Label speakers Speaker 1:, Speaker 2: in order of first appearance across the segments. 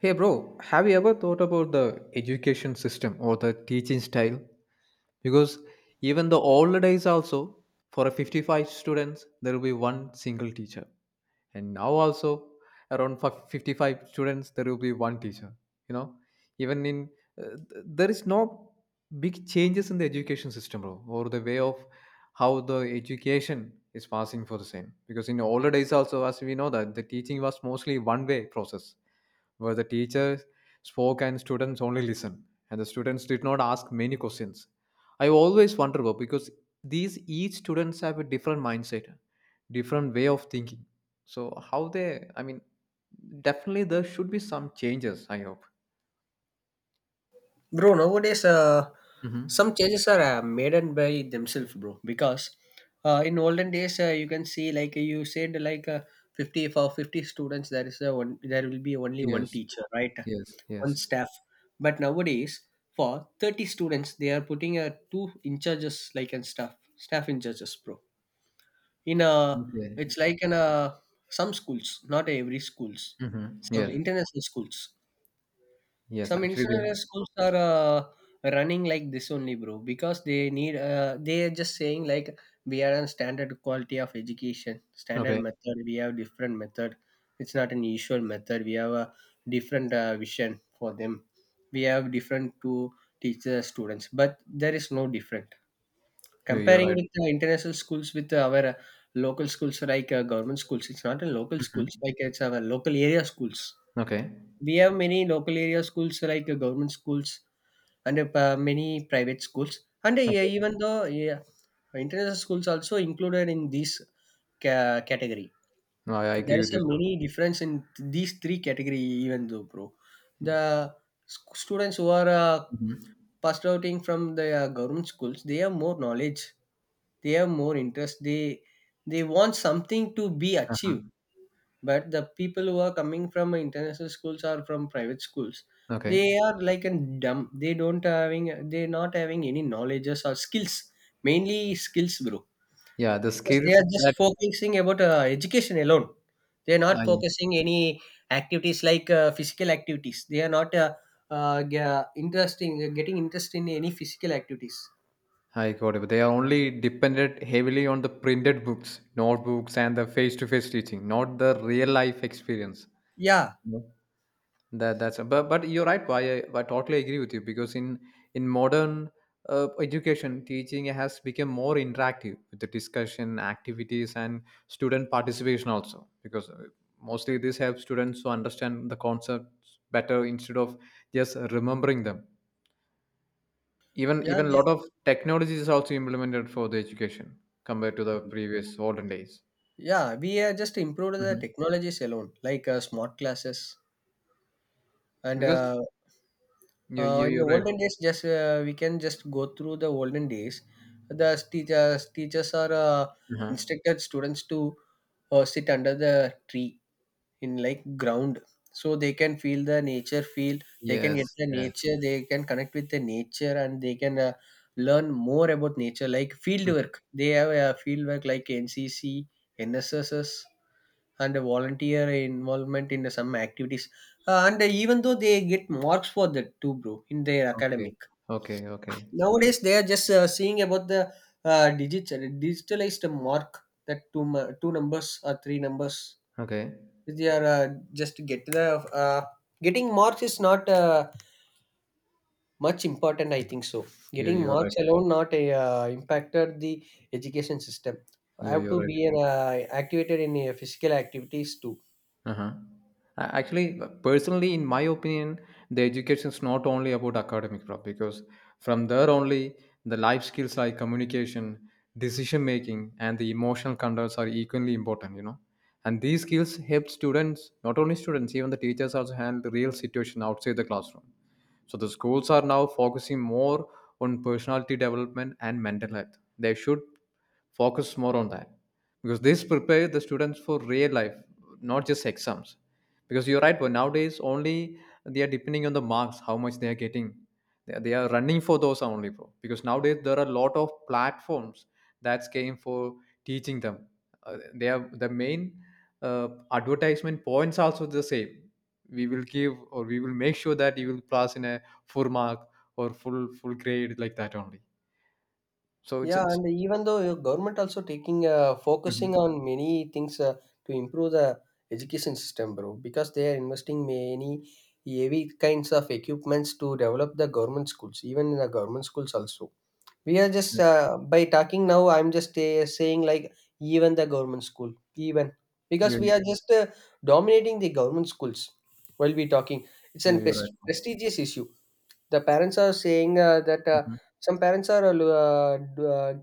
Speaker 1: Hey, bro, have you ever thought about the education system or the teaching style? Because even the old days, also, for a 55 students, there will be one single teacher. And now, also, around 55 students, there will be one teacher. You know, even in there is no big changes in the education system, bro, or the way of how the education is passing for the same. Because in the older days, also, as we know, that the teaching was mostly one way process where the teacher spoke and students only listened, and the students did not ask many questions. I always wonder about because these each students have a different mindset, different way of thinking. So how they, I mean, definitely there should be some changes. I hope.
Speaker 2: Bro, nowadays,
Speaker 1: Hmm.
Speaker 2: some changes are made and by themselves, bro. Because in olden days, you can see like you said, like 50 for 50 students, there is a one, there will be only one
Speaker 1: Yes.
Speaker 2: teacher, right?
Speaker 1: Yes.
Speaker 2: One
Speaker 1: Yes.
Speaker 2: staff. But nowadays, for 30 students, they are putting two in charges, like and staff, staff in charges, bro. In
Speaker 1: Okay.
Speaker 2: it's like in some schools, not every schools,
Speaker 1: Mm-hmm.
Speaker 2: some
Speaker 1: Yes.
Speaker 2: international schools
Speaker 1: Yes.
Speaker 2: some
Speaker 1: Actually,
Speaker 2: international
Speaker 1: they.
Speaker 2: schools are running like this only, bro, because they need. They are just saying like we are on standard quality of education, standard
Speaker 1: Okay.
Speaker 2: method. We have different method. It's not an usual method. We have a different vision for them. We have different to teach the students, but there is no different.
Speaker 1: You, you're
Speaker 2: Comparing
Speaker 1: right.
Speaker 2: with the international schools with our local schools like government schools, it's not in local schools
Speaker 1: Mm-hmm.
Speaker 2: like it's our local area schools.
Speaker 1: Okay.
Speaker 2: We have many local area schools like government schools and many private schools. And yeah,
Speaker 1: Okay.
Speaker 2: even though yeah, international schools also included in this category.
Speaker 1: No, I
Speaker 2: There
Speaker 1: agree
Speaker 2: is
Speaker 1: with
Speaker 2: a
Speaker 1: you too.
Speaker 2: many difference in these three category even though bro. The students who are
Speaker 1: Hmm.
Speaker 2: passed outing from the government schools, they have more knowledge, they have more interest, they want something to be achieved, but the people who are coming from international schools or from private schools, they
Speaker 1: Okay.
Speaker 2: are like a dumb, they don't having, they not having any knowledges or skills, mainly skills, bro.
Speaker 1: Yeah, the
Speaker 2: Because they
Speaker 1: skills
Speaker 2: are
Speaker 1: that
Speaker 2: just focusing about education alone, they are not
Speaker 1: I
Speaker 2: focusing any activities like physical activities. They are not interesting getting interest in any physical activities.
Speaker 1: I got it. But they are only dependent heavily on the printed books, notebooks, and the face-to-face teaching, not the real-life experience.
Speaker 2: Yeah,
Speaker 1: Yeah. That's but you're right. I totally agree with you because in modern education, teaching has become more interactive with the discussion, activities, and student participation also. Because mostly this helps students to understand the concepts better instead of just remembering them. Even
Speaker 2: yeah,
Speaker 1: even a
Speaker 2: they
Speaker 1: lot
Speaker 2: are-
Speaker 1: of technology is also implemented for the education compared to the previous olden days.
Speaker 2: yeah, we are just improved the
Speaker 1: Mhm.
Speaker 2: technologies alone like smart classes and
Speaker 1: Because you you
Speaker 2: In
Speaker 1: you're
Speaker 2: the
Speaker 1: right.
Speaker 2: olden days, just we can just go through the olden days. The teachers are
Speaker 1: Uh.
Speaker 2: instructed students to sit under the tree in like ground, so they can feel the nature feel, they can get
Speaker 1: Yes,
Speaker 2: the
Speaker 1: yes.
Speaker 2: nature, they can connect with the nature, and they can learn more about nature, like field
Speaker 1: Mhm.
Speaker 2: work. They have a field work like ncc, nsss, and a volunteer involvement in some activities. And even though they get marks for that too, bro, in their
Speaker 1: Okay,
Speaker 2: academic.
Speaker 1: okay, okay,
Speaker 2: Nowadays they are just seeing about the digital digitalized mark, that two numbers or three numbers.
Speaker 1: okay.
Speaker 2: If they are just get the uh, getting marks is not much important, I think so.
Speaker 1: You
Speaker 2: Getting
Speaker 1: you're right.
Speaker 2: marks alone not a, impacted the education system. I
Speaker 1: You
Speaker 2: have
Speaker 1: you're
Speaker 2: to
Speaker 1: right.
Speaker 2: be an, activated in physical activities too.
Speaker 1: Uh-huh. Actually, personally, in my opinion, the education is not only about academic prop because from there only the life skills like communication, decision making, and the emotional controls are equally important. You know, and these skills help students, not only students, even the teachers also handle the real situation outside the classroom. So the schools are now focusing more on personality development and mental health. They should focus more on that because this prepare the students for real life, not just exams. Because you're right, but nowadays only they are depending on the marks, how much they are getting. They are running for those only, bro. Because nowadays there are a lot of platforms that's came for teaching them. They are the main advertisement points also the same, we will give or we will make sure that you will pass in a full mark or full grade, like that only, so
Speaker 2: Yeah,
Speaker 1: it's.
Speaker 2: and even though your government also taking
Speaker 1: Mhm.
Speaker 2: focusing on many things to improve the education system, bro, because they are investing many heavy kinds of equipments to develop the government schools, even in the government schools also. We are just
Speaker 1: Yeah,
Speaker 2: by talking now. I'm just saying like, even the government school, even because
Speaker 1: yeah,
Speaker 2: we
Speaker 1: you,
Speaker 2: are just dominating the government schools. While we talking, it's
Speaker 1: yeah,
Speaker 2: an
Speaker 1: you're right.
Speaker 2: prestigious issue. The parents are saying that
Speaker 1: Mhm.
Speaker 2: some parents are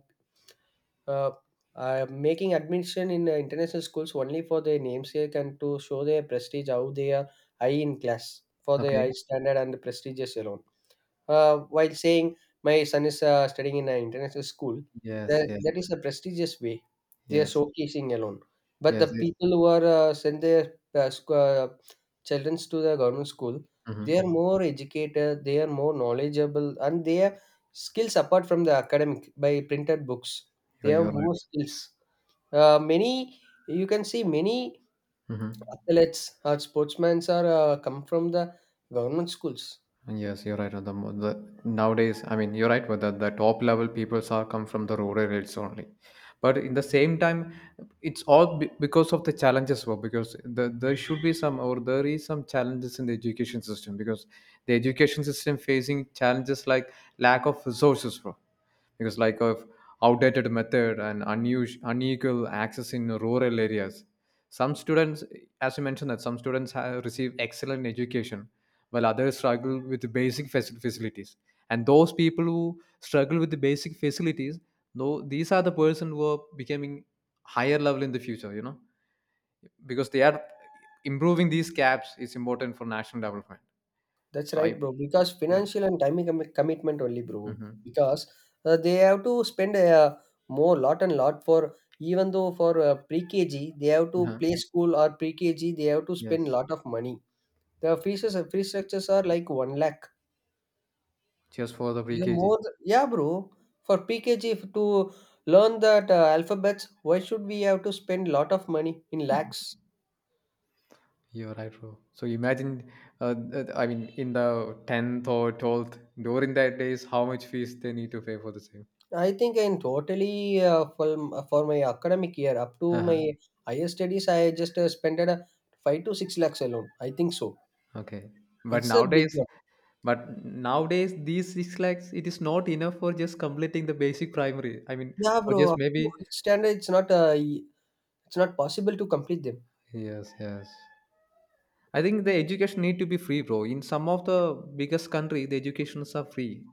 Speaker 2: uh, making admission in international schools only for their namesake and to show their prestige, how they are high in class for their
Speaker 1: Okay.
Speaker 2: high standard and prestigious alone. While saying my son is studying in an international school,
Speaker 1: Yes, yes,
Speaker 2: that is a prestigious way they are
Speaker 1: yes,
Speaker 2: showcasing alone. But the
Speaker 1: yes, it's.
Speaker 2: people who are send their children to the government school, they are
Speaker 1: Mhm.
Speaker 2: more educated, they are more knowledgeable, and they are skills apart from the academic by printed books. They
Speaker 1: You're
Speaker 2: have
Speaker 1: right.
Speaker 2: more skills. Many, you can see many
Speaker 1: Mhm.
Speaker 2: athletes or sportsmen are come from the government schools.
Speaker 1: Yes, you're right. on The, the nowadays, I mean, you're right with that. The top level peoples are come from the rural areas only, but in the same time, it's all because of the challenges. Well, because the, there should be some or there is some challenges in the education system because the education system facing challenges like lack of resources. Bro, because like of outdated method and unusual unequal access in rural areas, some students, as you mentioned that some students have received excellent education while others struggle with the basic facilities, and those people who struggle with the basic facilities, though these are the person who are becoming higher level in the future, you know, because they are improving these gaps is important for national development.
Speaker 2: That's
Speaker 1: So I.
Speaker 2: right, bro. Because
Speaker 1: Yeah.
Speaker 2: financial and timing commitment only, bro.
Speaker 1: Hmm.
Speaker 2: Because they have to spend more lot and lot for, even though for pre-KG, they have to
Speaker 1: Uh-huh.
Speaker 2: play school or pre-KG, they have to spend
Speaker 1: Yes.
Speaker 2: lot of money. The fee structures are like 1 lakh.
Speaker 1: Cheers for the
Speaker 2: They're
Speaker 1: pre-kg.
Speaker 2: more, yeah, bro. For PKG, if to learn that alphabets, why should we have to spend lot of money in lakhs?
Speaker 1: You're right, bro. So imagine, I mean, in the 10th or 12th, during that days, how much fees they need to pay for the same.
Speaker 2: I think I'm totally for my academic year up to
Speaker 1: Uh-huh.
Speaker 2: my higher studies. I just spent a 5 to 6 lakhs alone, I think so.
Speaker 1: Okay. But
Speaker 2: It's a big
Speaker 1: nowadays,
Speaker 2: one.
Speaker 1: but nowadays, these 6 lakhs, it is not enough for just completing the basic primary. I mean,
Speaker 2: Yeah,
Speaker 1: for
Speaker 2: bro,
Speaker 1: just
Speaker 2: up to
Speaker 1: maybe.
Speaker 2: 5th Standard. It's not. It's not possible to complete them.
Speaker 1: Yes, yes. I think the education need to be free, bro. In some of the biggest country, the educations are free.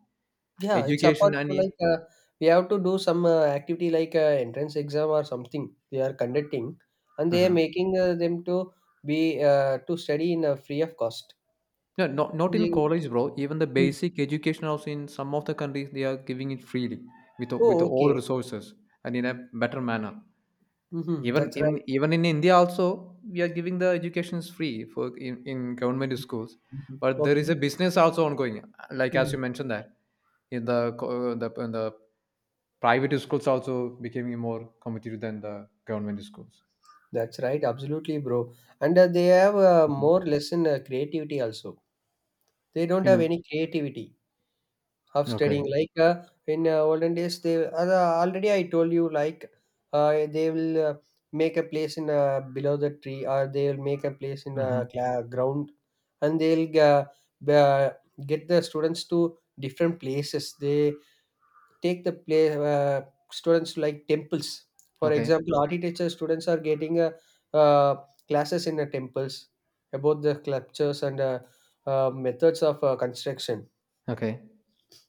Speaker 2: Yeah, it's apart
Speaker 1: Education and.
Speaker 2: from
Speaker 1: E.
Speaker 2: like we have to do some activity like entrance exam or something. They are conducting, and they are
Speaker 1: Uh-huh.
Speaker 2: making them to be to study in free of cost.
Speaker 1: No, not, not in
Speaker 2: They-
Speaker 1: college, bro. Even the
Speaker 2: Mm.
Speaker 1: basic education also in some of the countries they are giving it freely with
Speaker 2: Oh,
Speaker 1: all
Speaker 2: okay.
Speaker 1: resources and in a better manner.
Speaker 2: Mm-hmm.
Speaker 1: Even
Speaker 2: That's right.
Speaker 1: even even in India also we are giving the educations free for in government schools,
Speaker 2: Mhm.
Speaker 1: but there is
Speaker 2: Okay.
Speaker 1: a business also ongoing. Like as
Speaker 2: Mm-hmm.
Speaker 1: you mentioned that in the the in the private schools also becoming more competitive than the government schools.
Speaker 2: That's right, absolutely, bro. And they have
Speaker 1: Mhm.
Speaker 2: more lesson creativity also. They don't have
Speaker 1: In,
Speaker 2: any creativity of
Speaker 1: okay.
Speaker 2: studying. Like in olden days, they already I told you like they will make a place in below the tree, or they will make a place in
Speaker 1: Hmm.
Speaker 2: a cla ground, and they'll b- uh, get the students to different places. They take the play uh, students like temples, for
Speaker 1: Okay.
Speaker 2: example, architecture students are getting a uh, classes in the temples about the sculptures and methods of construction.
Speaker 1: Okay.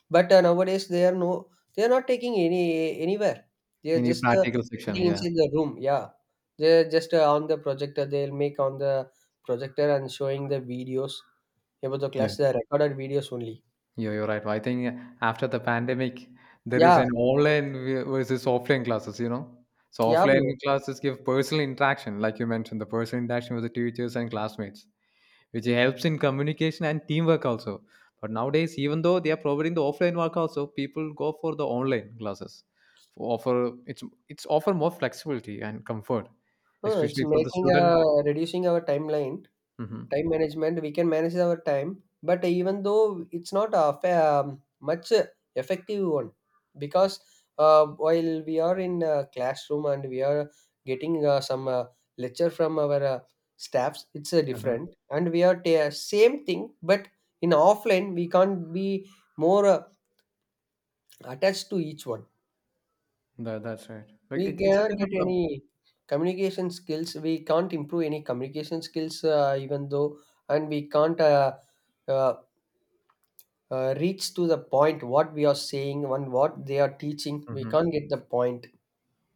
Speaker 2: But nowadays they are no, they are not taking any anywhere, they are
Speaker 1: In the
Speaker 2: just
Speaker 1: practical section,
Speaker 2: sitting
Speaker 1: yeah.
Speaker 2: inside the room. Yeah, they're just on the projector, they'll make on the projector and showing the videos about the
Speaker 1: Yeah,
Speaker 2: class. They are recorded videos only.
Speaker 1: you're right. I think after the pandemic, there is
Speaker 2: Yeah,
Speaker 1: an online versus offline classes, you know. So
Speaker 2: yeah,
Speaker 1: offline
Speaker 2: bro.
Speaker 1: classes give personal interaction, like you mentioned, the personal interaction with the teachers and classmates, which helps in communication and teamwork also. But nowadays, even though they are providing the offline work also, people go for the online classes. For offer it's offer more flexibility and comfort,
Speaker 2: Huh, it's
Speaker 1: especially for the
Speaker 2: making
Speaker 1: student.
Speaker 2: reducing our timeline.
Speaker 1: Hmm.
Speaker 2: Time management, we can manage our time, but even though it's not a much effective one, because while we are in a classroom and we are getting some lecture from our staffs, it's
Speaker 1: Uh-huh.
Speaker 2: different, and we are same thing, but in offline we can't be more attached to each one.
Speaker 1: That's right. Like
Speaker 2: We
Speaker 1: it's a
Speaker 2: cannot
Speaker 1: kind
Speaker 2: get
Speaker 1: of a.
Speaker 2: any communication skills. We can't improve any communication skills, even though, and we can't. Uh, reach to the point what we are saying and what they are teaching, we
Speaker 1: Mhm.
Speaker 2: can't get the point.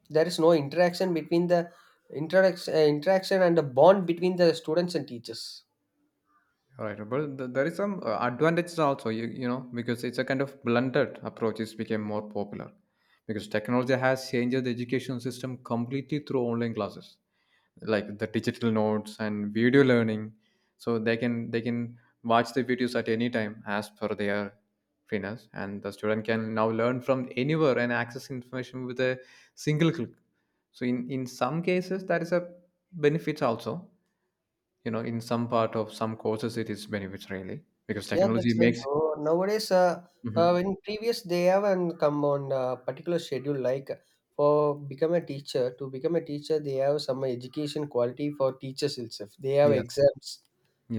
Speaker 2: There is no interaction between the interaction and the bond between the students and teachers.
Speaker 1: Alright, but there is some advantages also, you know, because it's a kind of blended approach. It's became more popular because technology has changed the education system completely through online classes, like the digital notes and video learning. So they can watch the videos at any time as per their fitness, and the student can now learn from anywhere and access information with a single click. So in some cases, that is a benefit also, you know, in some part of some courses it is benefits really because
Speaker 2: Yeah,
Speaker 1: technology
Speaker 2: that's right,
Speaker 1: makes.
Speaker 2: bro. Nowadays
Speaker 1: Mhm.
Speaker 2: in previous they haven't come on a particular schedule like for become a teacher to become a teacher, they have some education quality for teachers itself, they have
Speaker 1: Yes,
Speaker 2: exams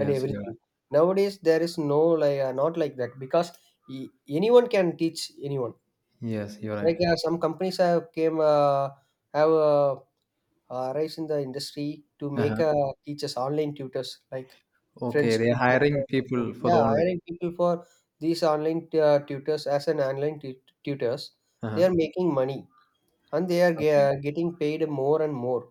Speaker 2: and
Speaker 1: you're right.
Speaker 2: everything. Nowadays there is no like not like that, because e- anyone can teach anyone.
Speaker 1: Yes, you're right.
Speaker 2: Like yeah, some companies have came have rise in the industry to make
Speaker 1: Uh-huh.
Speaker 2: teachers online tutors like
Speaker 1: Okay,
Speaker 2: French
Speaker 1: they're
Speaker 2: tutors.
Speaker 1: hiring people for the
Speaker 2: Yeah,
Speaker 1: online.
Speaker 2: hiring people for these online tutors as an online tutors. They
Speaker 1: Uh-huh.
Speaker 2: are making money and they are
Speaker 1: Okay.
Speaker 2: getting paid more and more.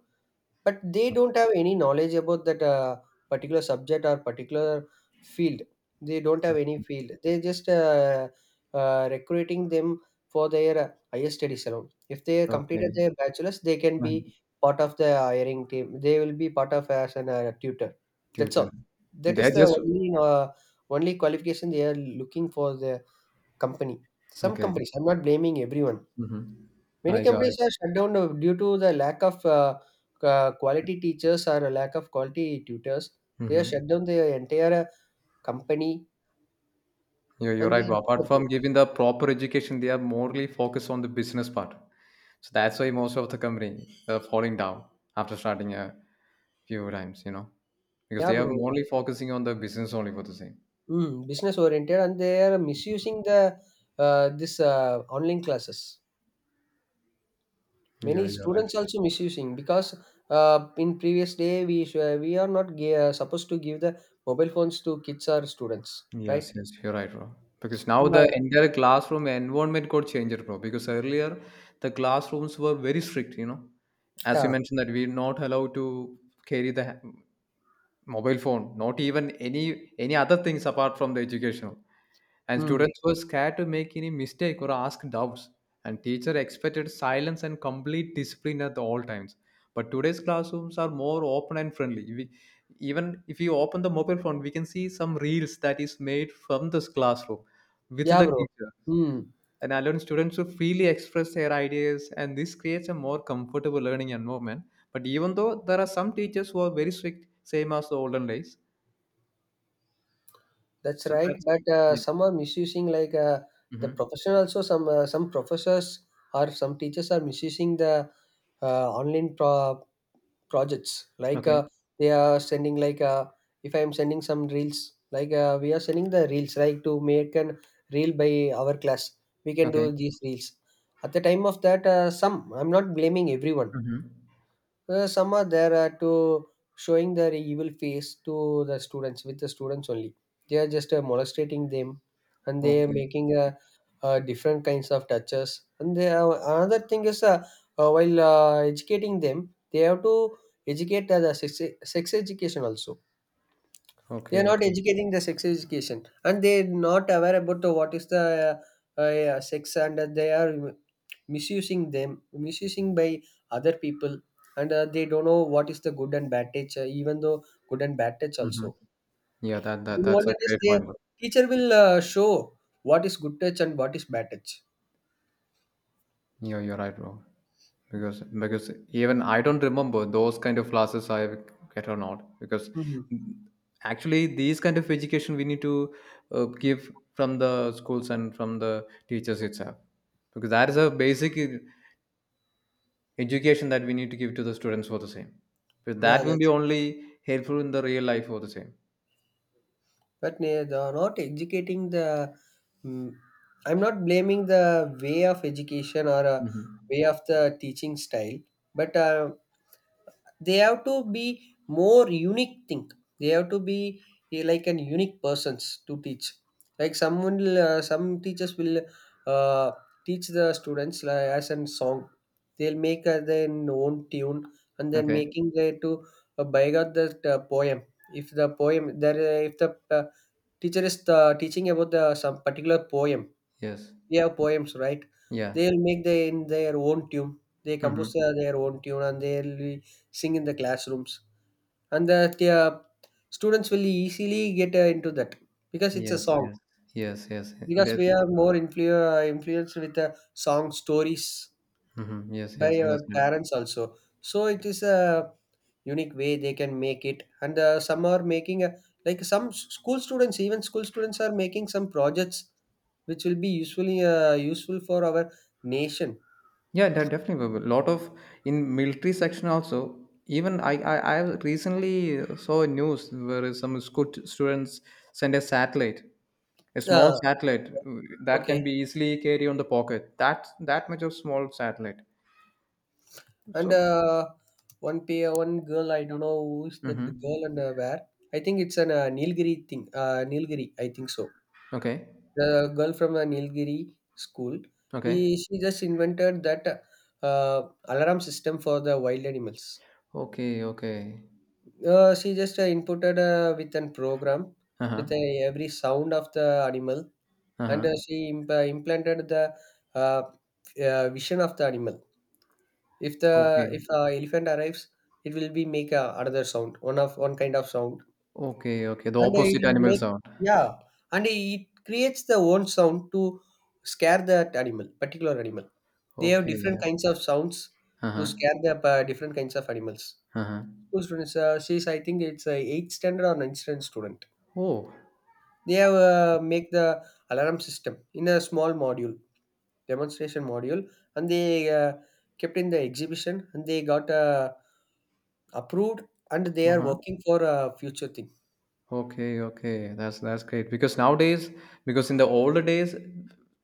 Speaker 2: But they
Speaker 1: Okay.
Speaker 2: don't have any knowledge about that particular subject or particular field. They don't have
Speaker 1: Okay,
Speaker 2: any field. They just recruiting them for their higher studies alone. If they completed
Speaker 1: okay.
Speaker 2: their bachelor's, they can
Speaker 1: Uh-huh.
Speaker 2: be part of the hiring team. They will be part of as an tutor. That's
Speaker 1: Tutor.
Speaker 2: all. That
Speaker 1: They're
Speaker 2: is the
Speaker 1: just.
Speaker 2: only only qualification they are looking for the company. Some
Speaker 1: Okay.
Speaker 2: companies. I'm not blaming everyone.
Speaker 1: Mm-hmm.
Speaker 2: Many
Speaker 1: I got, I
Speaker 2: companies are
Speaker 1: got.
Speaker 2: shut down now due to the lack of quality teachers or a lack of quality tutors. They have
Speaker 1: Mm-hmm.
Speaker 2: shut down their entire company
Speaker 1: You're
Speaker 2: and
Speaker 1: right,
Speaker 2: they
Speaker 1: Bob. Apart
Speaker 2: disappear.
Speaker 1: from giving the proper education they are morely focused on the business part, so that's why most of the company are falling down after starting a few times, you know, because
Speaker 2: Yeah,
Speaker 1: they are
Speaker 2: bro.
Speaker 1: only focusing on the business only for the same.
Speaker 2: Mm, business oriented and they are misusing the this online classes.
Speaker 1: Yeah,
Speaker 2: Many
Speaker 1: you're right.
Speaker 2: students also misusing, because in previous day we are not supposed to give the mobile phones to kids or students,
Speaker 1: Yes,
Speaker 2: right?
Speaker 1: yes, you're right, bro. Because now the
Speaker 2: But,
Speaker 1: entire classroom environment got changed, bro. Because earlier the classrooms were very strict, you know. As you
Speaker 2: yeah.
Speaker 1: mentioned that we're not allowed to carry the mobile phone, not even any other things apart from the educational, and
Speaker 2: Mm,
Speaker 1: students were scared to make any mistake or ask doubts, and teacher expected silence and complete discipline at all times. But today's classrooms are more open and friendly, we, even if you open the mobile phone we can see some reels that is made from this classroom with
Speaker 2: yeah,
Speaker 1: the
Speaker 2: bro.
Speaker 1: teacher,
Speaker 2: Hmm.
Speaker 1: and allowing students to freely express their ideas, and this creates a more comfortable learning environment. But even though there are some teachers who are very strict, same as the olden days,
Speaker 2: That's
Speaker 1: so
Speaker 2: right,
Speaker 1: that's.
Speaker 2: but
Speaker 1: Yeah.
Speaker 2: some are misusing like the
Speaker 1: Hmm.
Speaker 2: profession also, some professors or some teachers are misusing the online projects like
Speaker 1: Okay.
Speaker 2: they are sending like if I am sending some reels like we are sending the reels like to make an reel by our class, we can
Speaker 1: Okay.
Speaker 2: do these reels at the time of that some, I'm not blaming everyone.
Speaker 1: Hmm.
Speaker 2: Some are there are to showing their evil face to the students, with the students only. They are just molestating them, and they are
Speaker 1: Okay.
Speaker 2: making different kinds of touches. And they are, another thing is while educating them, they have to educate the sex education also. They are
Speaker 1: Okay.
Speaker 2: not
Speaker 1: Okay.
Speaker 2: educating the sex education, and they are not aware about what is the sex, and they are misusing them, misusing by other people. And they don't know what is the good and bad touch, even though good and bad touch
Speaker 1: Hmm.
Speaker 2: also
Speaker 1: Yeah,
Speaker 2: in
Speaker 1: that's a
Speaker 2: order this
Speaker 1: great
Speaker 2: the
Speaker 1: point.
Speaker 2: teacher will show what is good touch and what is bad touch.
Speaker 1: Yeah, you're right, bro. Because even I don't remember those kind of classes I get or not. Because
Speaker 2: Mhm.
Speaker 1: actually, these kind of education we need to give from the schools and from the teachers itself. Because that is a basic education that we need to give to the students for the same. Because
Speaker 2: Yeah,
Speaker 1: that will be
Speaker 2: that's,
Speaker 1: only helpful in the real life for the same.
Speaker 2: but they are not educating the mm, I'm not blaming the way of education or way
Speaker 1: Hmm.
Speaker 2: of the teaching style, but they have to be more unique think, they have to be like an unique persons to teach. Like some teachers will uh, teach the students like, as a song. They'll make their own tune and then
Speaker 1: Okay.
Speaker 2: making their to beg out the poem. If the poem there, if the teacher is teaching about the some particular poem,
Speaker 1: Yes.
Speaker 2: they have poems, right?
Speaker 1: Yeah.
Speaker 2: They'll make the in their own tune. They compose
Speaker 1: Hmm.
Speaker 2: their own tune and they'll be sing in the classrooms. And the students will easily get into that because it's a
Speaker 1: Yes.
Speaker 2: song.
Speaker 1: Yes. Yes. Yes.
Speaker 2: Because we
Speaker 1: That.
Speaker 2: are more influenced with the song stories
Speaker 1: Hmm. Yes.
Speaker 2: by
Speaker 1: Yes. Yes.
Speaker 2: our parents also. So it is a unique way they can make it. And some are making a, like some school students, even school students are making some projects which will be useful for our nation.
Speaker 1: Yeah, definitely. A lot of in military section also. Even I recently saw a news where some school students sent a satellite, a small
Speaker 2: Uh,
Speaker 1: satellite that can
Speaker 2: okay.
Speaker 1: be easily carried on the pocket. That that much of small satellite.
Speaker 2: And
Speaker 1: So.
Speaker 2: one pay one girl. I don't know who's that
Speaker 1: Hmm.
Speaker 2: girl and where. I think it's an Nilgiri thing. Nilgiri. I think so.
Speaker 1: Okay.
Speaker 2: The girl from Nilgiri school.
Speaker 1: Okay.
Speaker 2: She just invented that alarm system for the wild animals.
Speaker 1: Okay. Okay.
Speaker 2: She just inputted with an program
Speaker 1: Uh huh.
Speaker 2: with every sound of the animal,
Speaker 1: Uh
Speaker 2: and
Speaker 1: huh.
Speaker 2: she implanted the uh, vision of the animal.
Speaker 1: Okay.
Speaker 2: If a elephant arrives, it will be make a, another sound, one kind of sound,
Speaker 1: Okay. Okay. The
Speaker 2: and it
Speaker 1: opposite
Speaker 2: will
Speaker 1: animal
Speaker 2: make,
Speaker 1: sound.
Speaker 2: yeah, and it creates the own sound to scare that animal, particular animal. They have different
Speaker 1: Okay.
Speaker 2: kinds of sounds
Speaker 1: Uh
Speaker 2: to
Speaker 1: huh.
Speaker 2: scare the different kinds of animals.
Speaker 1: Uh huh.
Speaker 2: School students, she's I think it's a eighth standard or ninth standard student.
Speaker 1: Oh.
Speaker 2: They have make the alarm system in a small module, demonstration module, and they kept in the exhibition, and they got a approved and they
Speaker 1: Uh
Speaker 2: are
Speaker 1: huh.
Speaker 2: working for a future thing.
Speaker 1: Okay, okay. That's great because nowadays, because in the older days,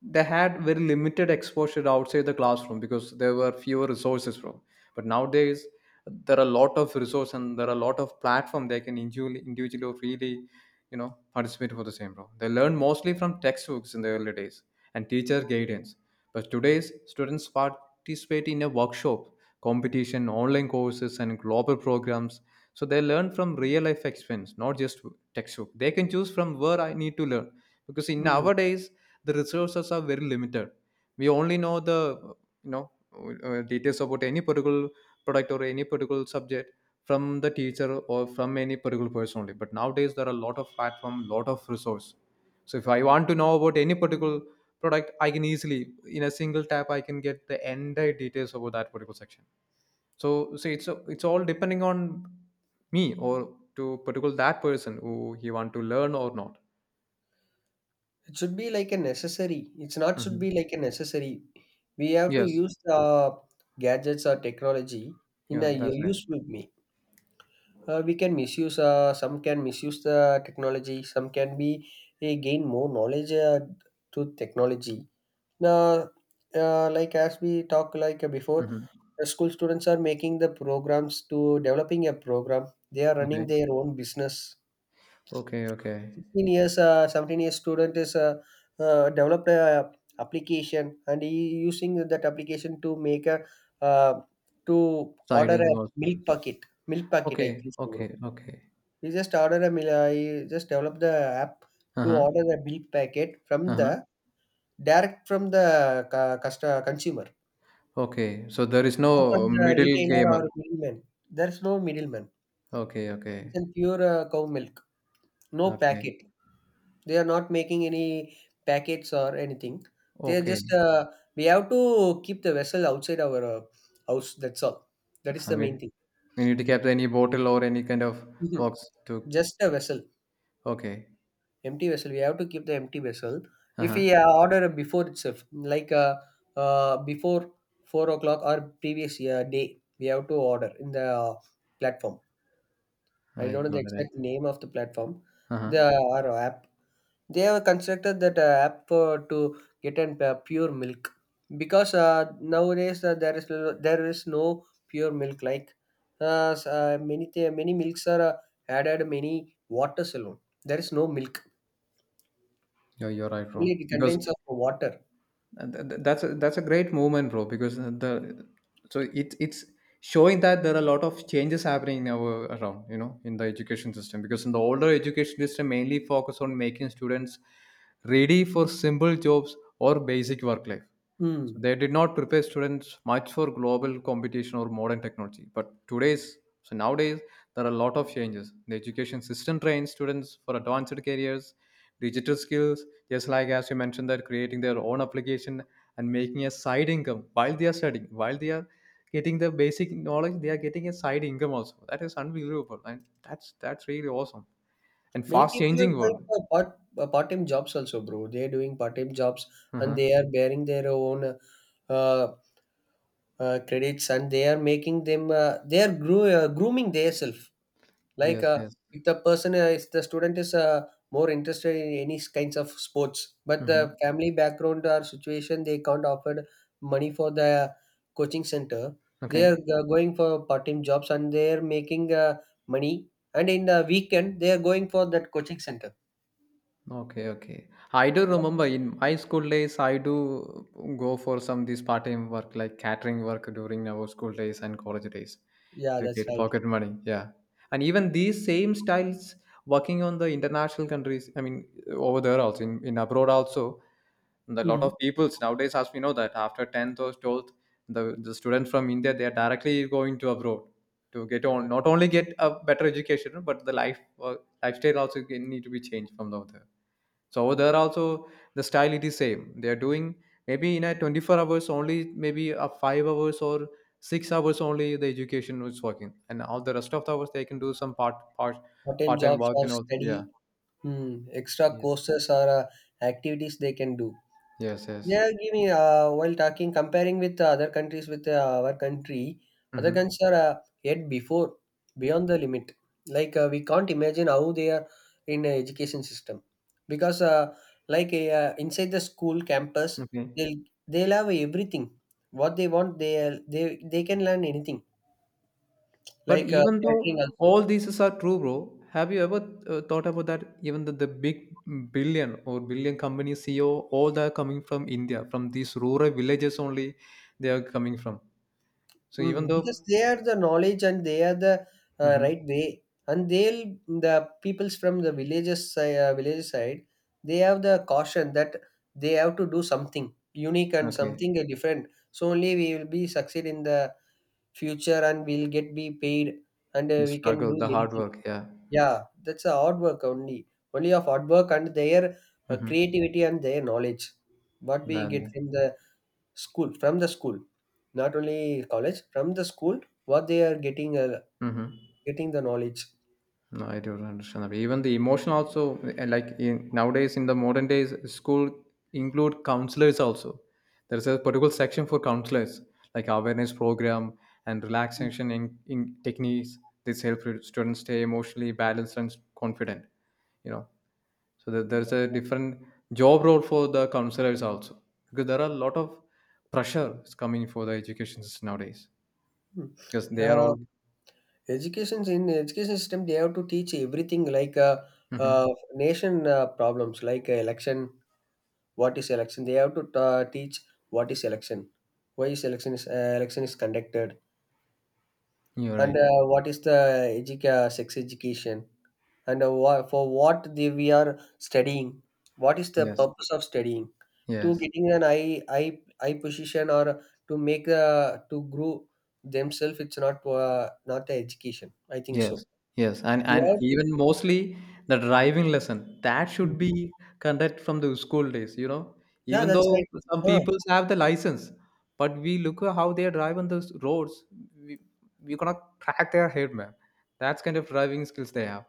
Speaker 1: they had very limited exposure outside the classroom because there were fewer resources from. But nowadays, there are a lot of resource and there are a lot of platform they can individually, individually or really, you know, participate for the same role. They learn mostly from textbooks in the early days and teacher guidance. But today's students participate in a workshop, competition, online courses, and global programs, so they learn from real life experience, not just textbook. They can choose from where I need to learn because in
Speaker 2: Mm.
Speaker 1: nowadays the resources are very limited. We only know the you know details about any particular product or any particular subject from the teacher or from any particular person only. But nowadays there are a lot of platform, lot of resource. So if I want to know about any particular product, I can easily in a single tap I can get the entire details about that particular section. So it's all depending on me or to particular that person who he want to learn or not.
Speaker 2: It should be like a necessary, it's not should be
Speaker 1: Hmm.
Speaker 2: like a necessary, we have to
Speaker 1: Yes.
Speaker 2: use the gadgets or technology in
Speaker 1: Yeah,
Speaker 2: a
Speaker 1: that's right.
Speaker 2: useful way. We can misuse, some can misuse the technology, some can be they gain more knowledge to technology now. Like as we talked like before,
Speaker 1: Hmm.
Speaker 2: the school students are making the programs to developing a program, they are running
Speaker 1: Okay.
Speaker 2: their own business.
Speaker 1: Okay. Okay.
Speaker 2: 16 years, 17 years student is developed a application and he using that application to make a, uh, to order
Speaker 1: Siding
Speaker 2: a
Speaker 1: also.
Speaker 2: milk packet. Milk packet, I
Speaker 1: Okay.
Speaker 2: think so, bro.
Speaker 1: Okay. Okay.
Speaker 2: He just order a he just developed the app
Speaker 1: Uh
Speaker 2: to
Speaker 1: huh.
Speaker 2: order the milk packet from
Speaker 1: Uh huh.
Speaker 2: the direct from the customer consumer,
Speaker 1: Okay. So there is
Speaker 2: not from
Speaker 1: no
Speaker 2: the
Speaker 1: middle
Speaker 2: retailer
Speaker 1: gamer.
Speaker 2: or middleman. There's no middleman.
Speaker 1: Okay.
Speaker 2: It's
Speaker 1: Okay.
Speaker 2: a pure cow milk, no
Speaker 1: Okay.
Speaker 2: packet. They are not making any packets or anything. They are just
Speaker 1: Okay.
Speaker 2: we have to keep the vessel outside our house. That's all. That is
Speaker 1: I
Speaker 2: the main
Speaker 1: mean,
Speaker 2: thing.
Speaker 1: we need to keep any bottle or any kind of
Speaker 2: Mhm.
Speaker 1: box to.
Speaker 2: Just a vessel,
Speaker 1: Okay.
Speaker 2: empty vessel. We have to keep the empty vessel.
Speaker 1: Uh
Speaker 2: If we
Speaker 1: huh.
Speaker 2: order before itself, like before 4 o'clock or previous day, we have to order in the platform. I
Speaker 1: I
Speaker 2: don't know the
Speaker 1: got it. Right.
Speaker 2: exact name of the platform,
Speaker 1: Uh huh.
Speaker 2: the our app. They have constructed that app to get an pure milk because nowadays there is no pure milk like many many milks are added many waters alone. There is no milk.
Speaker 1: You're right,
Speaker 2: Only
Speaker 1: wrong.
Speaker 2: it
Speaker 1: Because
Speaker 2: contains of water.
Speaker 1: and that's a great movement, bro. Because the so it's showing that there are a lot of changes happening now around, you know, in the education system. Because in the older education system, mainly focus on making students ready for simple jobs or basic work life. So
Speaker 2: Hmm.
Speaker 1: they did not prepare students much for global competition or modern technology. But today's so nowadays there are a lot of changes. The education system trains students for advanced careers, digital skills, just like as you mentioned that creating their own application and making a side income while they are studying, while they are getting the basic knowledge, they are getting a side income also. That is unbelievable, and that's really awesome and
Speaker 2: Many
Speaker 1: fast
Speaker 2: people are
Speaker 1: changing
Speaker 2: going
Speaker 1: world.
Speaker 2: for part-time jobs also, bro. They are doing part-time jobs and
Speaker 1: Uh-huh.
Speaker 2: they are bearing their own uh, credits and they are making them. They are grooming themselves. Like
Speaker 1: Yes, yes.
Speaker 2: if the person, if the student is more interested in any kinds of sports, but
Speaker 1: Hmm.
Speaker 2: the family background or situation they can't afford money for the coaching center, they are
Speaker 1: Okay.
Speaker 2: going for part-time jobs and they are making money. And in the weekend, they are going for that coaching center.
Speaker 1: Okay. Okay. I do remember in my school days I do go for some this part-time work like catering work during our school days and college days
Speaker 2: Yeah,
Speaker 1: to
Speaker 2: that's
Speaker 1: get
Speaker 2: right.
Speaker 1: pocket money. Yeah. And even these same styles working on the international countries, I mean, over there also, in abroad also. And a lot
Speaker 2: Mm.
Speaker 1: of peoples nowadays, as we know that after 10th or 12th, the students from India they are directly going to abroad to get on not only get a better education but the life lifestyle also can- need to be changed from over there. So over there also the style it is same, they are doing maybe in a 24 hours only, maybe a 5 hours or 6 hours only the education is working, and all the rest of the hours they can do some
Speaker 2: Part-time
Speaker 1: part time
Speaker 2: jobs
Speaker 1: work
Speaker 2: or
Speaker 1: and all. Yeah.
Speaker 2: study, mm, extra
Speaker 1: Yes,
Speaker 2: courses or activities they can do.
Speaker 1: yes, yes.
Speaker 2: Yeah, give me while talking, comparing with other countries with our country, other
Speaker 1: Hmm.
Speaker 2: countries are yet before, beyond the limit. Like we can't imagine how they are in education system, because like inside the school campus,
Speaker 1: Okay.
Speaker 2: they'll they'll have everything. What they want, they can learn anything.
Speaker 1: But
Speaker 2: Like
Speaker 1: even though
Speaker 2: catering
Speaker 1: all
Speaker 2: also.
Speaker 1: these are true, bro, have you ever thought about that? Even the big billion or billion company CEO, all they are coming from India, from these rural villages only, they are coming from. So even
Speaker 2: Mm, because
Speaker 1: though,
Speaker 2: they are the knowledge and they are the
Speaker 1: mhm.
Speaker 2: right way, and they'll the peoples from the villages village side. They have the caution that they have to do something unique and
Speaker 1: Okay.
Speaker 2: something different. So only we will be succeed in the future, and we'll get be paid, and
Speaker 1: The
Speaker 2: we can
Speaker 1: struggle,
Speaker 2: do
Speaker 1: the hard
Speaker 2: anything.
Speaker 1: work, yeah.
Speaker 2: Yeah, that's a hard work only, only of hard work and their
Speaker 1: Mm-hmm.
Speaker 2: creativity and their knowledge. What we get
Speaker 1: Then,
Speaker 2: from the school, not only college, from the school what they are getting
Speaker 1: mm-hmm.
Speaker 2: getting the knowledge.
Speaker 1: No, I don't understand that. Even the emotion also, like in nowadays in the modern days, school include counselors also. There is a particular section for counselors, like awareness program and relaxation in techniques. This help students stay emotionally balanced and confident. You know, so that there's a different job role for the counselors also because there are a lot of pressure is coming for the education system nowadays.
Speaker 2: Mhm.
Speaker 1: Because they are
Speaker 2: uh,
Speaker 1: all
Speaker 2: Educations in education system they have to teach everything, like uh,
Speaker 1: mhm.
Speaker 2: nation problems like election, what is election they have to teach, what is election, why is election is election is conducted,
Speaker 1: You're
Speaker 2: and
Speaker 1: right.
Speaker 2: what is the sex education, and for what they, we are studying, what is the
Speaker 1: Yes,
Speaker 2: purpose of studying, to
Speaker 1: yes,
Speaker 2: getting an eye position or to make to grow themselves, it's not not the education I think
Speaker 1: yes.
Speaker 2: so.
Speaker 1: Yes. and
Speaker 2: They
Speaker 1: and
Speaker 2: are
Speaker 1: even mostly the driving lesson, that should be conducted from the school days, you know.
Speaker 2: yeah,
Speaker 1: Even
Speaker 2: that's right.
Speaker 1: though some
Speaker 2: Huh.
Speaker 1: people have the license, but we look at how they drive on those roads, we, we cannot crack their head, man. That's kind of driving skills they have.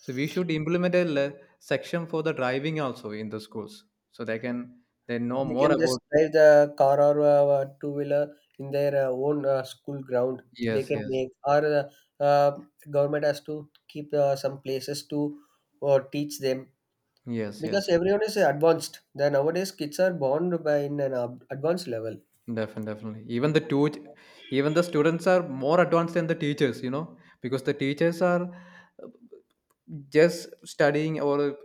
Speaker 1: So we should implement a section for the driving also in the schools so they can, they know
Speaker 2: They
Speaker 1: more
Speaker 2: can just
Speaker 1: about.
Speaker 2: drive the car or two wheeler in their own school ground. They
Speaker 1: Yes,
Speaker 2: can
Speaker 1: yes.
Speaker 2: make or government has to keep some places to teach them
Speaker 1: Yes,
Speaker 2: because
Speaker 1: yes.
Speaker 2: everyone is advanced. The nowadays kids are born by in an advanced level.
Speaker 1: Definitely, definitely. Even the two, even the students are more advanced than the teachers, you know, because the teachers are uh, just studying or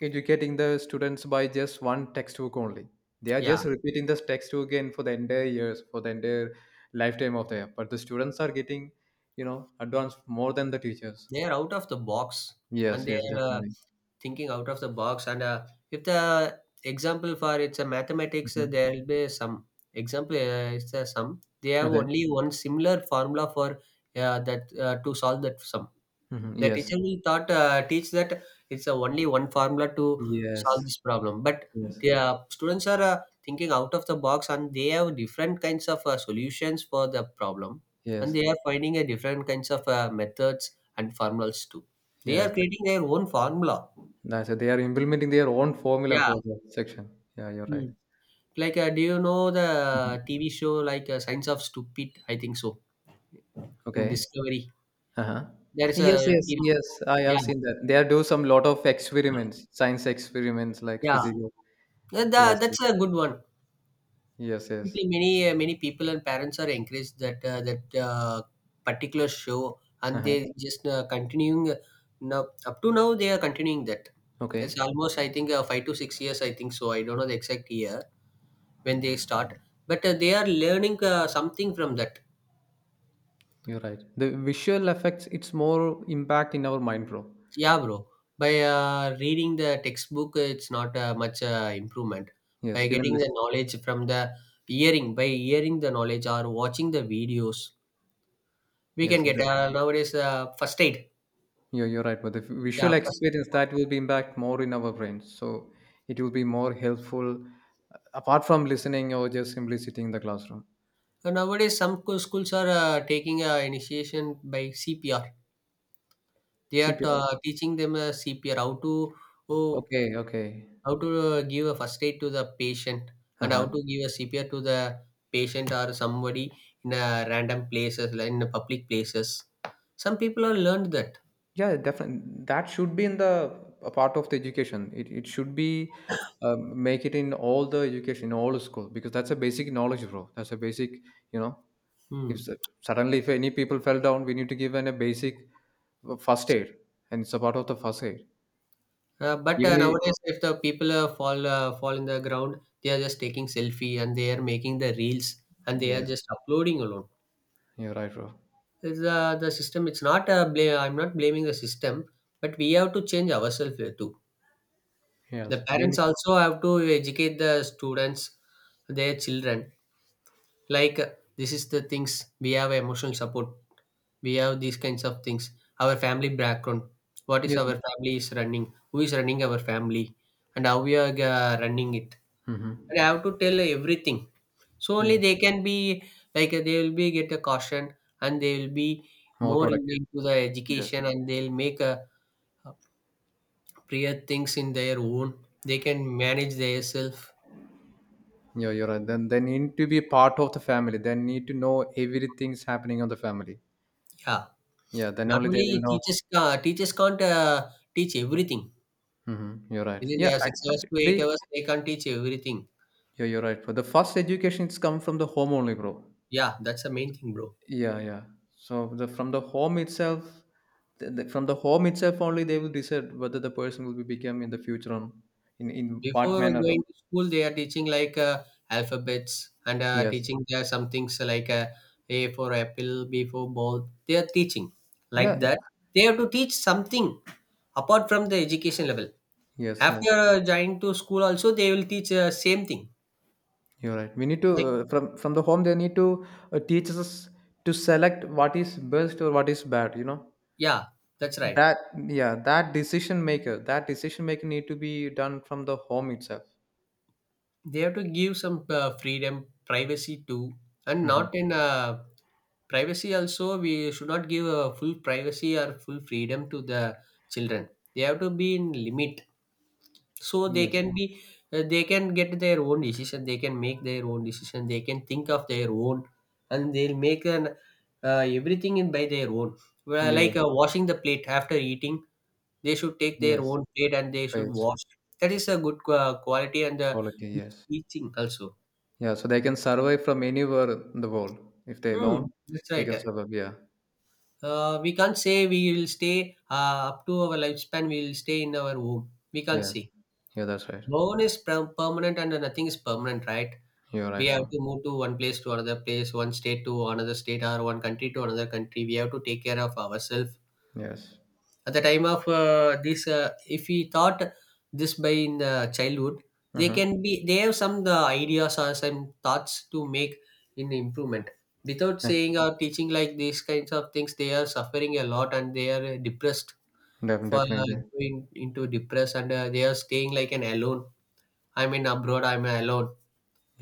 Speaker 1: educating the students by just one textbook only. They are
Speaker 2: Yeah,
Speaker 1: just repeating this textbook again for the entire years, for the entire lifetime of their. But the students are getting, you know, advanced more than the teachers.
Speaker 2: they are out of the box
Speaker 1: Yes,
Speaker 2: and they
Speaker 1: yes,
Speaker 2: are
Speaker 1: definitely.
Speaker 2: thinking out of the box. And if the example for it's a mathematics,
Speaker 1: Mhm.
Speaker 2: there will be some example, it's a sum they have
Speaker 1: Okay.
Speaker 2: only one similar formula for that, to solve that sum
Speaker 1: Hmm.
Speaker 2: the
Speaker 1: Yes.
Speaker 2: teacher will thought teach that it's only one formula to solve
Speaker 1: Yes.
Speaker 2: this problem, but
Speaker 1: Yes.
Speaker 2: the students are thinking out of the box and they have different kinds of solutions for the problem, and
Speaker 1: Yes.
Speaker 2: they are finding a different kinds of methods and formulas too, they are
Speaker 1: Yes.
Speaker 2: creating their own formula.
Speaker 1: That's it. They are implementing their own formula
Speaker 2: Yeah.
Speaker 1: for the section. Yeah, you're
Speaker 2: Hmm.
Speaker 1: right.
Speaker 2: Like, do you know
Speaker 1: Mhm.
Speaker 2: the TV show like Science of Stupid? I think so. In
Speaker 1: Okay.
Speaker 2: Discovery,
Speaker 1: Uh-huh.
Speaker 2: there is
Speaker 1: Yes,
Speaker 2: a
Speaker 1: yes,
Speaker 2: T V.
Speaker 1: yes. I
Speaker 2: Yeah,
Speaker 1: have seen that. They are do some lot of experiments, science experiments like
Speaker 2: yeah.
Speaker 1: physical.
Speaker 2: That,
Speaker 1: Yes,
Speaker 2: that's a good one.
Speaker 1: yes, yes.
Speaker 2: People, many people and parents are encouraged that particular show, and
Speaker 1: Uh-huh.
Speaker 2: they just continuing now up to now they are continuing that. It's
Speaker 1: Okay.
Speaker 2: almost I think 5 to 6 years. I think so. I don't know the exact year when they start, but they are learning something from that.
Speaker 1: You're right. The visual effects, it's more impact in our mind, bro.
Speaker 2: Yeah, bro. By reading the textbook, it's not much improvement.
Speaker 1: Yes,
Speaker 2: By
Speaker 1: even
Speaker 2: getting the
Speaker 1: listen.
Speaker 2: knowledge from the hearing, by hearing the knowledge or watching the videos, we
Speaker 1: Yes,
Speaker 2: can get
Speaker 1: that,
Speaker 2: nowadays first aid.
Speaker 1: you're right. But the visual
Speaker 2: Yeah, first.
Speaker 1: experience, that will be impact more in our brains. So it will be more helpful apart from listening or just simply sitting in the classroom.
Speaker 2: Nowadays, some schools are taking initiation by CPR. They are
Speaker 1: CPR.
Speaker 2: teaching them CPR how to, oh,
Speaker 1: Okay, okay.
Speaker 2: how to give a first aid to the patient and how
Speaker 1: Uh-huh.
Speaker 2: to give a CPR to the patient or somebody in a random places like in the public places. Some people have learned that.
Speaker 1: Yeah, definitely. That should be in the a part of the education. It should be make it in all the education, in all the school, because that's a basic knowledge, bro. That's a basic, you know,
Speaker 2: Hmm.
Speaker 1: if suddenly if any people fell down, we need to give an a basic first aid, and it's a part of the first aid.
Speaker 2: But
Speaker 1: Even
Speaker 2: nowadays, if the people fall in the ground, they are just taking selfie and they are making the reels and they are
Speaker 1: yes,
Speaker 2: just uploading alone.
Speaker 1: you're right, bro.
Speaker 2: It's, the system. It's not a blame. I'm not blaming the system, but we have to change ourselves too. The
Speaker 1: Yes, we
Speaker 2: parents
Speaker 1: need,
Speaker 2: also have to educate the students, their children, like uh, this is the things. We have emotional support, we have these kinds of things, our family background, what is
Speaker 1: yes,
Speaker 2: our family is running, who is running our family, and how we are running it,
Speaker 1: mm-hmm.
Speaker 2: and I have to tell everything, so only
Speaker 1: Yes,
Speaker 2: they can be they will be get a caution, and they will be
Speaker 1: more
Speaker 2: more in
Speaker 1: productive.
Speaker 2: into the
Speaker 1: Yes.
Speaker 2: education, and they'll make a appropriate things in their own, they can manage their self.
Speaker 1: Yeah, you're right. Then they need to be part of the family. They need to know everything's happening on the family.
Speaker 2: Yeah,
Speaker 1: Yeah, then
Speaker 2: not
Speaker 1: only they
Speaker 2: only
Speaker 1: will know.
Speaker 2: teachers, teachers can't teach everything.
Speaker 1: Hmm. You're right.
Speaker 2: Within
Speaker 1: Yeah,
Speaker 2: their 6
Speaker 1: I,
Speaker 2: hours to 8
Speaker 1: they.
Speaker 2: hours, they can't teach everything.
Speaker 1: Yeah, you're right. For the first education, it's come from the home only, bro.
Speaker 2: Yeah, that's the main thing, bro.
Speaker 1: Yeah, yeah. So the from the home itself, from the home itself only, they will decide whether the person will be become in the future on in what
Speaker 2: Before
Speaker 1: manner. Of-
Speaker 2: going to school, they are teaching alphabets, and
Speaker 1: yes.
Speaker 2: teaching there some things A for apple, B for ball. They are teaching
Speaker 1: Yeah.
Speaker 2: like that. They have to teach something apart from the education level.
Speaker 1: Yes.
Speaker 2: After
Speaker 1: Yes.
Speaker 2: joining to school, also they will teach same thing.
Speaker 1: You're right. We need to
Speaker 2: Like,
Speaker 1: from the home. They need to teach us to select what is best or what is bad. You know.
Speaker 2: yeah, that's right.
Speaker 1: That, yeah, that decision maker, that decision maker need to be done from the home itself.
Speaker 2: They have to give some freedom, privacy too, and
Speaker 1: Mhm.
Speaker 2: not in privacy. Also, we should not give a full privacy or full freedom to the children. They have to be in limit, so they
Speaker 1: Yes.
Speaker 2: can be, they can get their own decision, they can make their own decision, they can think of their own, and they'll make an everything in by their own. Well,
Speaker 1: Yeah, yeah.
Speaker 2: washing the plate after eating, they should take their
Speaker 1: Yes.
Speaker 2: own plate and they should
Speaker 1: Right.
Speaker 2: wash. That is a good quality, and
Speaker 1: Quality,
Speaker 2: good
Speaker 1: yes.
Speaker 2: teaching also.
Speaker 1: Yeah, so they can survive from anywhere in the world if they learn.
Speaker 2: Hmm, that's
Speaker 1: They
Speaker 2: right.
Speaker 1: can survive, yeah.
Speaker 2: We can't say we will stay up to our lifespan, we will stay in our womb. We can't
Speaker 1: Yes.
Speaker 2: say.
Speaker 1: Yeah, that's right.
Speaker 2: Bone is permanent, and nothing is permanent, right?
Speaker 1: You're
Speaker 2: We
Speaker 1: right,
Speaker 2: have
Speaker 1: bro.
Speaker 2: to move to one place to another place, one state to another state, or one country to another country. We have to take care of ourselves.
Speaker 1: Yes.
Speaker 2: At the time of this, if we thought this by in the childhood, they
Speaker 1: Uh-huh.
Speaker 2: can be, they have some the ideas or some thoughts to make in improvement. Without
Speaker 1: Def-
Speaker 2: saying or teaching like these kinds of things, they are suffering a lot, and they are depressed. For
Speaker 1: Definitely. They,
Speaker 2: going into depressed, and they are staying like an alone. I mean abroad, I'm alone.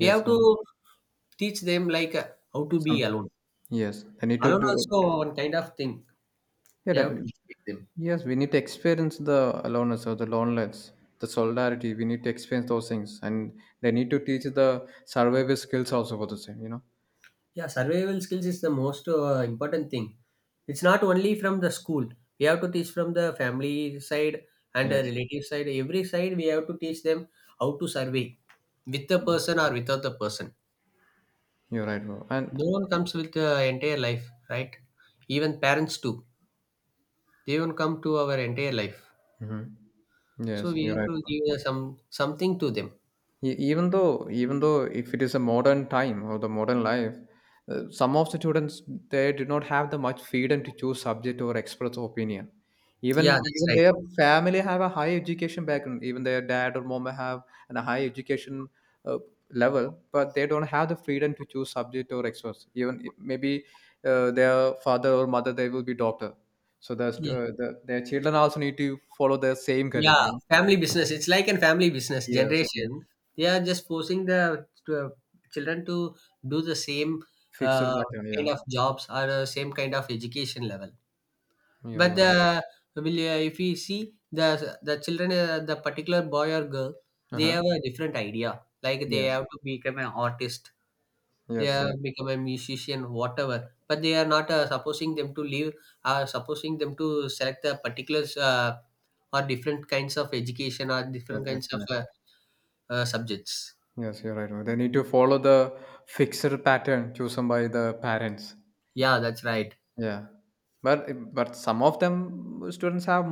Speaker 2: We have to
Speaker 1: And
Speaker 2: teach them how to be
Speaker 1: some,
Speaker 2: alone,
Speaker 1: yes, they need to
Speaker 2: alone
Speaker 1: do.
Speaker 2: also one kind of thing.
Speaker 1: Yeah,
Speaker 2: We have to teach them.
Speaker 1: yes, we need to experience the aloneness or the loneliness, the solidarity. We need to experience those things, and they need to teach the survival skills also for the same. You know.
Speaker 2: Yeah, survival skills is the most important thing. It's not only from the school. We have to teach from the family side and the
Speaker 1: Yes.
Speaker 2: relative side. Every side we have to teach them how to survey with the
Speaker 1: Mm.
Speaker 2: person or without the person.
Speaker 1: You're right, bro. And
Speaker 2: No one comes with the entire life, right? Even parents too. They won't come to our entire life.
Speaker 1: mhm.
Speaker 2: So
Speaker 1: Yes,
Speaker 2: we
Speaker 1: you're
Speaker 2: have
Speaker 1: right.
Speaker 2: to give some something to them.
Speaker 1: Even though, even though if it is a modern time or the modern life, some of the students, they do not have the much freedom to choose subject or express opinion. Even
Speaker 2: Yeah, that's
Speaker 1: even
Speaker 2: right.
Speaker 1: their family have a high education background. Even their dad or mom have an high education uh, level, but they don't have the freedom to choose subject or express. Even maybe their father or mother they will be doctor, so the,
Speaker 2: Yeah.
Speaker 1: the their children also need to follow the same career,
Speaker 2: Yeah,
Speaker 1: you know.
Speaker 2: family business. It's like a family business
Speaker 1: Yes, yes.
Speaker 2: generation. They are just forcing the children to do the same
Speaker 1: Fixed
Speaker 2: uh,
Speaker 1: pattern, yeah.
Speaker 2: kind of jobs or same kind of education level.
Speaker 1: Yeah,
Speaker 2: But
Speaker 1: you're right.
Speaker 2: the will, if we see the children, the particular boy or girl, they
Speaker 1: Uh-huh.
Speaker 2: have a different idea. Like they
Speaker 1: Yes,
Speaker 2: have to become an artist, they
Speaker 1: yes,
Speaker 2: are
Speaker 1: yes.
Speaker 2: become a musician, whatever, but they are not supposing them to leave, supposing them to select the particulars, or different kinds of education or different kinds of
Speaker 1: Objection.
Speaker 2: subjects
Speaker 1: Yes, you're right. They need to follow the fixed pattern chosen by the parents.
Speaker 2: yeah, that's right.
Speaker 1: Yeah, but some of them students have